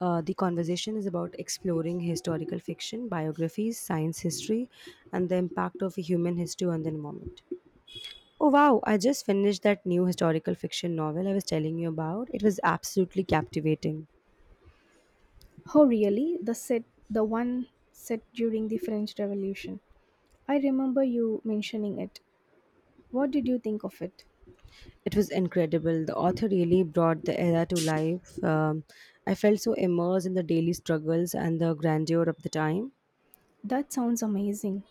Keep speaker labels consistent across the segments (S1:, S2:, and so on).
S1: The conversation is about exploring historical fiction, biographies, science history, and the impact of human history on the environment. Oh wow, I just finished that new historical fiction novel I was telling you about. It was absolutely captivating.
S2: Oh, really? The set, the one set during the French Revolution. I remember you mentioning it. What did you think of it?
S1: It was incredible. The author really brought the era to life. I felt so immersed in the daily struggles and the grandeur of the time.
S2: That sounds amazing.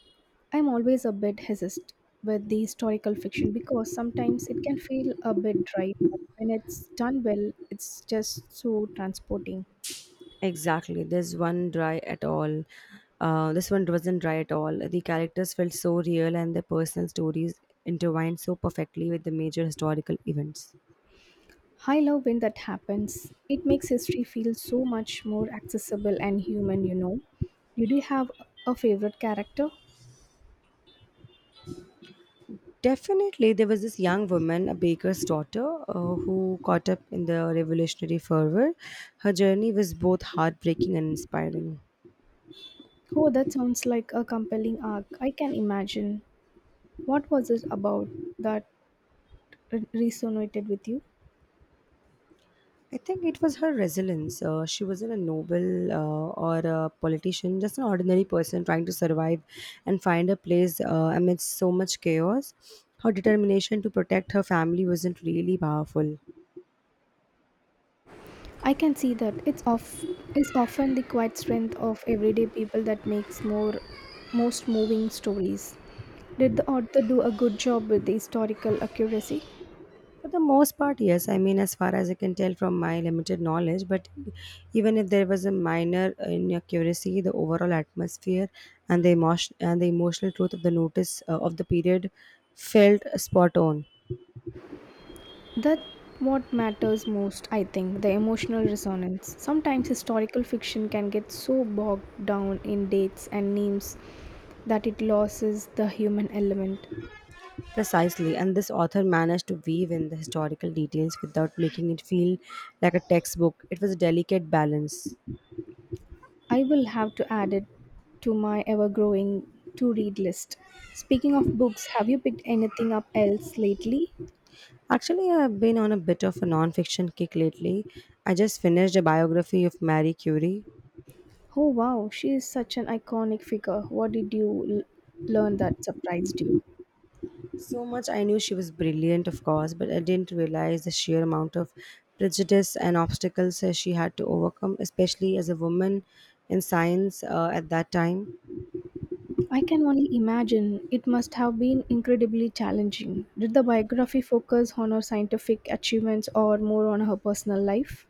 S2: I'm always a bit hesitant with the historical fiction because sometimes it can feel a bit dry. But when it's done well, it's just so transporting.
S1: Exactly. This one wasn't dry at all. The characters felt so real and their personal stories intertwined so perfectly with the major historical events.
S2: I love when that happens. It makes history feel so much more accessible and human, you know. Did you have a favorite character?
S1: Definitely, there was this young woman, a baker's daughter, who caught up in the revolutionary fervor. Her journey was both heartbreaking and inspiring.
S2: Oh, that sounds like a compelling arc. I can imagine. What was it about that resonated with you?
S1: I think it was her resilience. She wasn't a noble or a politician, just an ordinary person trying to survive and find a place amidst so much chaos. Her determination to protect her family wasn't really powerful.
S2: I can see that it's of it's often the quiet strength of everyday people that makes more most moving stories. Did the author do a good job with the historical accuracy?
S1: For the most part, yes. I mean, as far as I can tell from my limited knowledge, but even if there was a minor inaccuracy, the overall atmosphere and the emotion and the emotional truth of the notice of the period felt spot on.
S2: That what matters most, I think, the emotional resonance. Sometimes historical fiction can get so bogged down in dates and names that it loses the human element.
S1: Precisely, and this author managed to weave in the historical details without making it feel like a textbook. It was a delicate balance.
S2: I will have to add it to my ever growing to read list. Speaking of books, have you picked anything up else lately?
S1: Actually, I've been on a bit of a non-fiction kick lately. I just finished a biography of Marie Curie.
S2: Oh wow, she is such an iconic figure. What did learn that surprised you?
S1: So much I knew she was brilliant, of course, but I didn't realize the sheer amount of prejudice and obstacles she had to overcome, especially as a woman in science at that time.
S2: I can only imagine it must have been incredibly challenging. Did the biography focus on her scientific achievements or more on her personal life?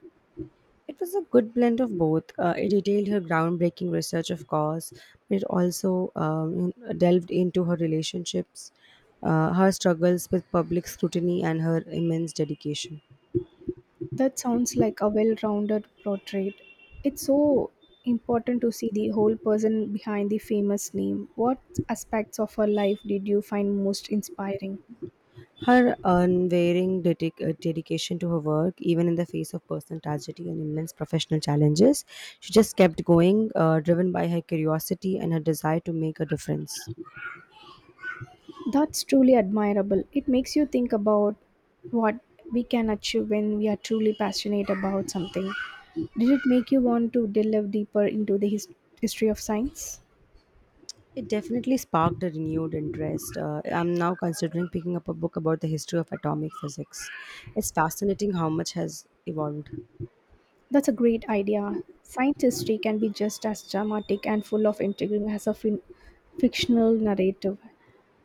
S1: It was a good blend of both. It detailed her groundbreaking research, of course, but it also delved into her relationships, her struggles with public scrutiny, and her immense dedication.
S2: That sounds like a well rounded portrait. It's so important to see the whole person behind the famous name. What aspects of her life did you find most inspiring?
S1: Her unwavering dedication to her work, even in the face of personal tragedy and immense professional challenges, she just kept going, driven by her curiosity and her desire to make a difference.
S2: That's truly admirable. It makes you think about what we can achieve when we are truly passionate about something. Did it make you want to delve deeper into history of science?
S1: It definitely sparked a renewed interest. I'm now considering picking up a book about the history of atomic physics. It's fascinating how much has evolved.
S2: That's a great idea. Science history can be just as dramatic and full of intrigue as fictional narrative.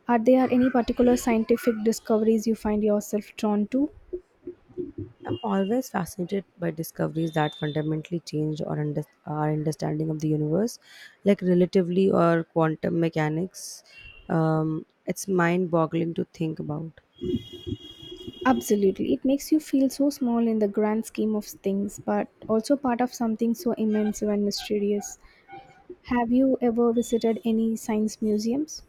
S2: Are there any particular scientific discoveries you find yourself drawn to?
S1: I'm always fascinated by discoveries that fundamentally change our understanding of the universe, like relatively or quantum mechanics. It's mind boggling to think about.
S2: Absolutely. It makes you feel so small in the grand scheme of things, but also part of something so immense and mysterious. Have you ever visited any science museums?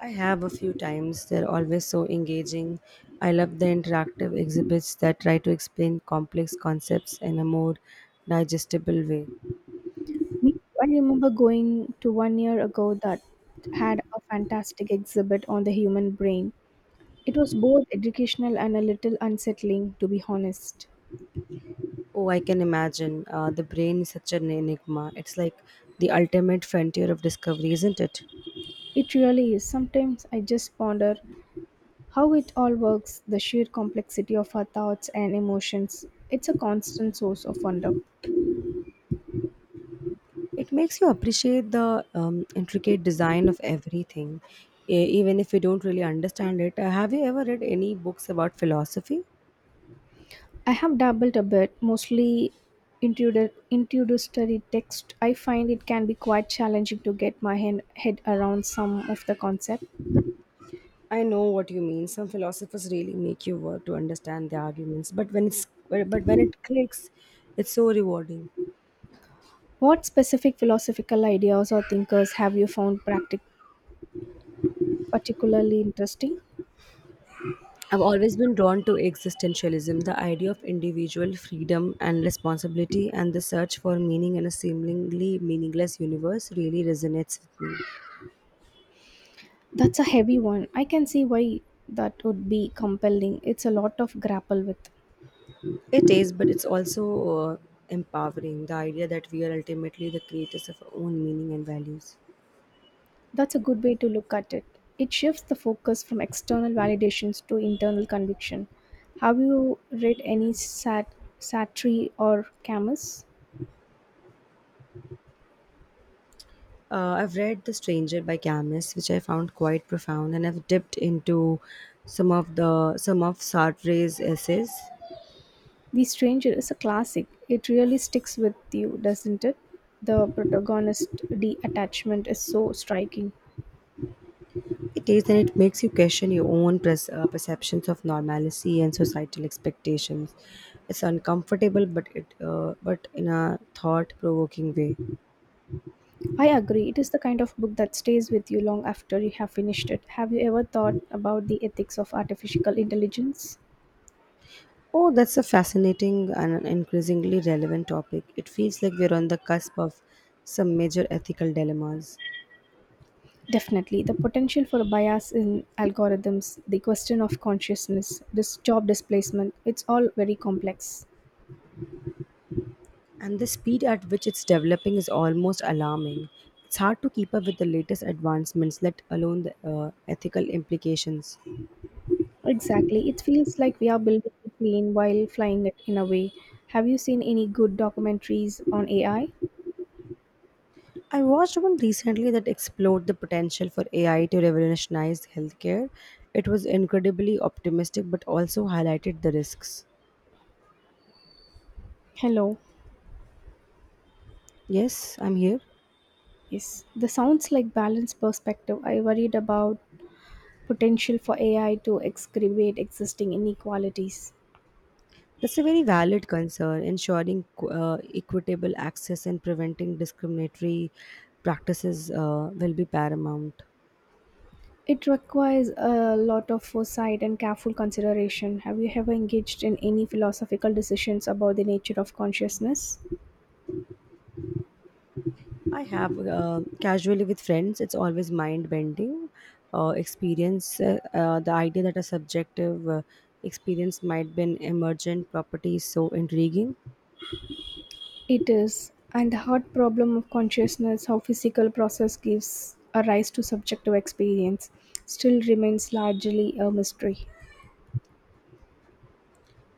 S1: I have a few times. They're always so engaging. I love the interactive exhibits that try to explain complex concepts in a more digestible way.
S2: Me, I remember going to one year ago that had a fantastic exhibit on the human brain. It was both educational and a little unsettling, to be honest.
S1: Oh, I can imagine. The brain is such an enigma. It's like the ultimate frontier of discovery, isn't it?
S2: It really is. Sometimes I just ponder how it all works, the sheer complexity of our thoughts and emotions, it's a constant source of wonder.
S1: It makes you appreciate the intricate design of everything, even if you don't really understand it. Have you ever read any books about philosophy?
S2: I have dabbled a bit, mostly into the introductory text. I find it can be quite challenging to get head around some of the concept.
S1: I know what you mean. Some philosophers really make you work to understand the arguments, but when it clicks, it's so rewarding.
S2: What specific philosophical ideas or thinkers have you particularly interesting?
S1: I've always been drawn to existentialism, the idea of individual freedom and responsibility, and the search for meaning in a seemingly meaningless universe really resonates with me.
S2: That's a heavy one. I can see why that would be compelling. It's a lot of grapple with.
S1: It is, but it's also empowering the idea that we are ultimately the creators of our own meaning and values.
S2: That's a good way to look at it. It shifts the focus from external validations to internal conviction. Have you read any Satri or Camus?
S1: I've read The Stranger by Camus, which I found quite profound, and I've dipped into some of the some of Sartre's essays.
S2: The Stranger is a classic. It really sticks with you, doesn't it? The protagonist detachment is so striking.
S1: It is, and it makes you question your own perceptions of normalcy and societal expectations. It's uncomfortable, but it but in a thought-provoking way.
S2: I agree. It is the kind of book that stays with you long after you have finished it. Have you ever thought about the ethics of artificial intelligence?
S1: Oh, that's a fascinating and an increasingly relevant topic. It feels like we're on the cusp of some major ethical dilemmas.
S2: Definitely, the potential for bias in algorithms, the question of consciousness, this job displacement, it's all very complex.
S1: And the speed at which it's developing is almost alarming. It's hard to keep up with the latest advancements, let alone the ethical implications.
S2: Exactly. It feels like we are building the plane while flying it in a way. Have you seen any good documentaries on AI?
S1: I watched one recently that explored the potential for AI to revolutionize healthcare. It was incredibly optimistic but also highlighted the risks.
S2: Hello.
S1: Yes, I'm here.
S2: Yes. The sounds like balanced perspective. I worried about potential for AI to excavate existing inequalities.
S1: That's a very valid concern, ensuring equitable access and preventing discriminatory practices will be paramount.
S2: It requires a lot of foresight and careful consideration. Have you ever engaged in any philosophical decisions about the nature of consciousness?
S1: I have casually with friends. It's always mind bending experience. The idea that a subjective experience might be an emergent property is so intriguing.
S2: It is, and the hard problem of consciousness, how physical process gives a rise to subjective experience, still remains largely a mystery.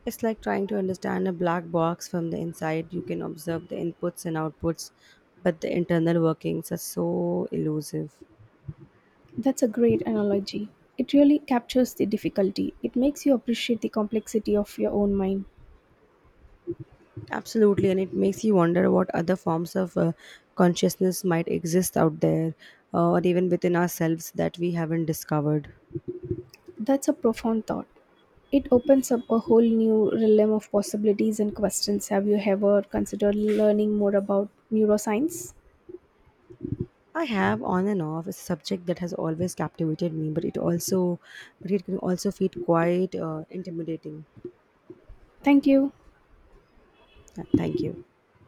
S1: It's like trying to understand a black box from the inside. You can observe the inputs and outputs, but the internal workings are so elusive.
S2: That's a great analogy. It really captures the difficulty. It makes you appreciate the complexity of your own mind.
S1: Absolutely, and it makes you wonder what other forms of consciousness might exist out there, or even within ourselves that we haven't discovered.
S2: That's a profound thought. It opens up a whole new realm of possibilities and questions. Have you ever considered learning more about neuroscience?
S1: I have on and off. It's a subject that has always captivated me, but it can also feel quite intimidating.
S2: Thank you.
S1: Thank you.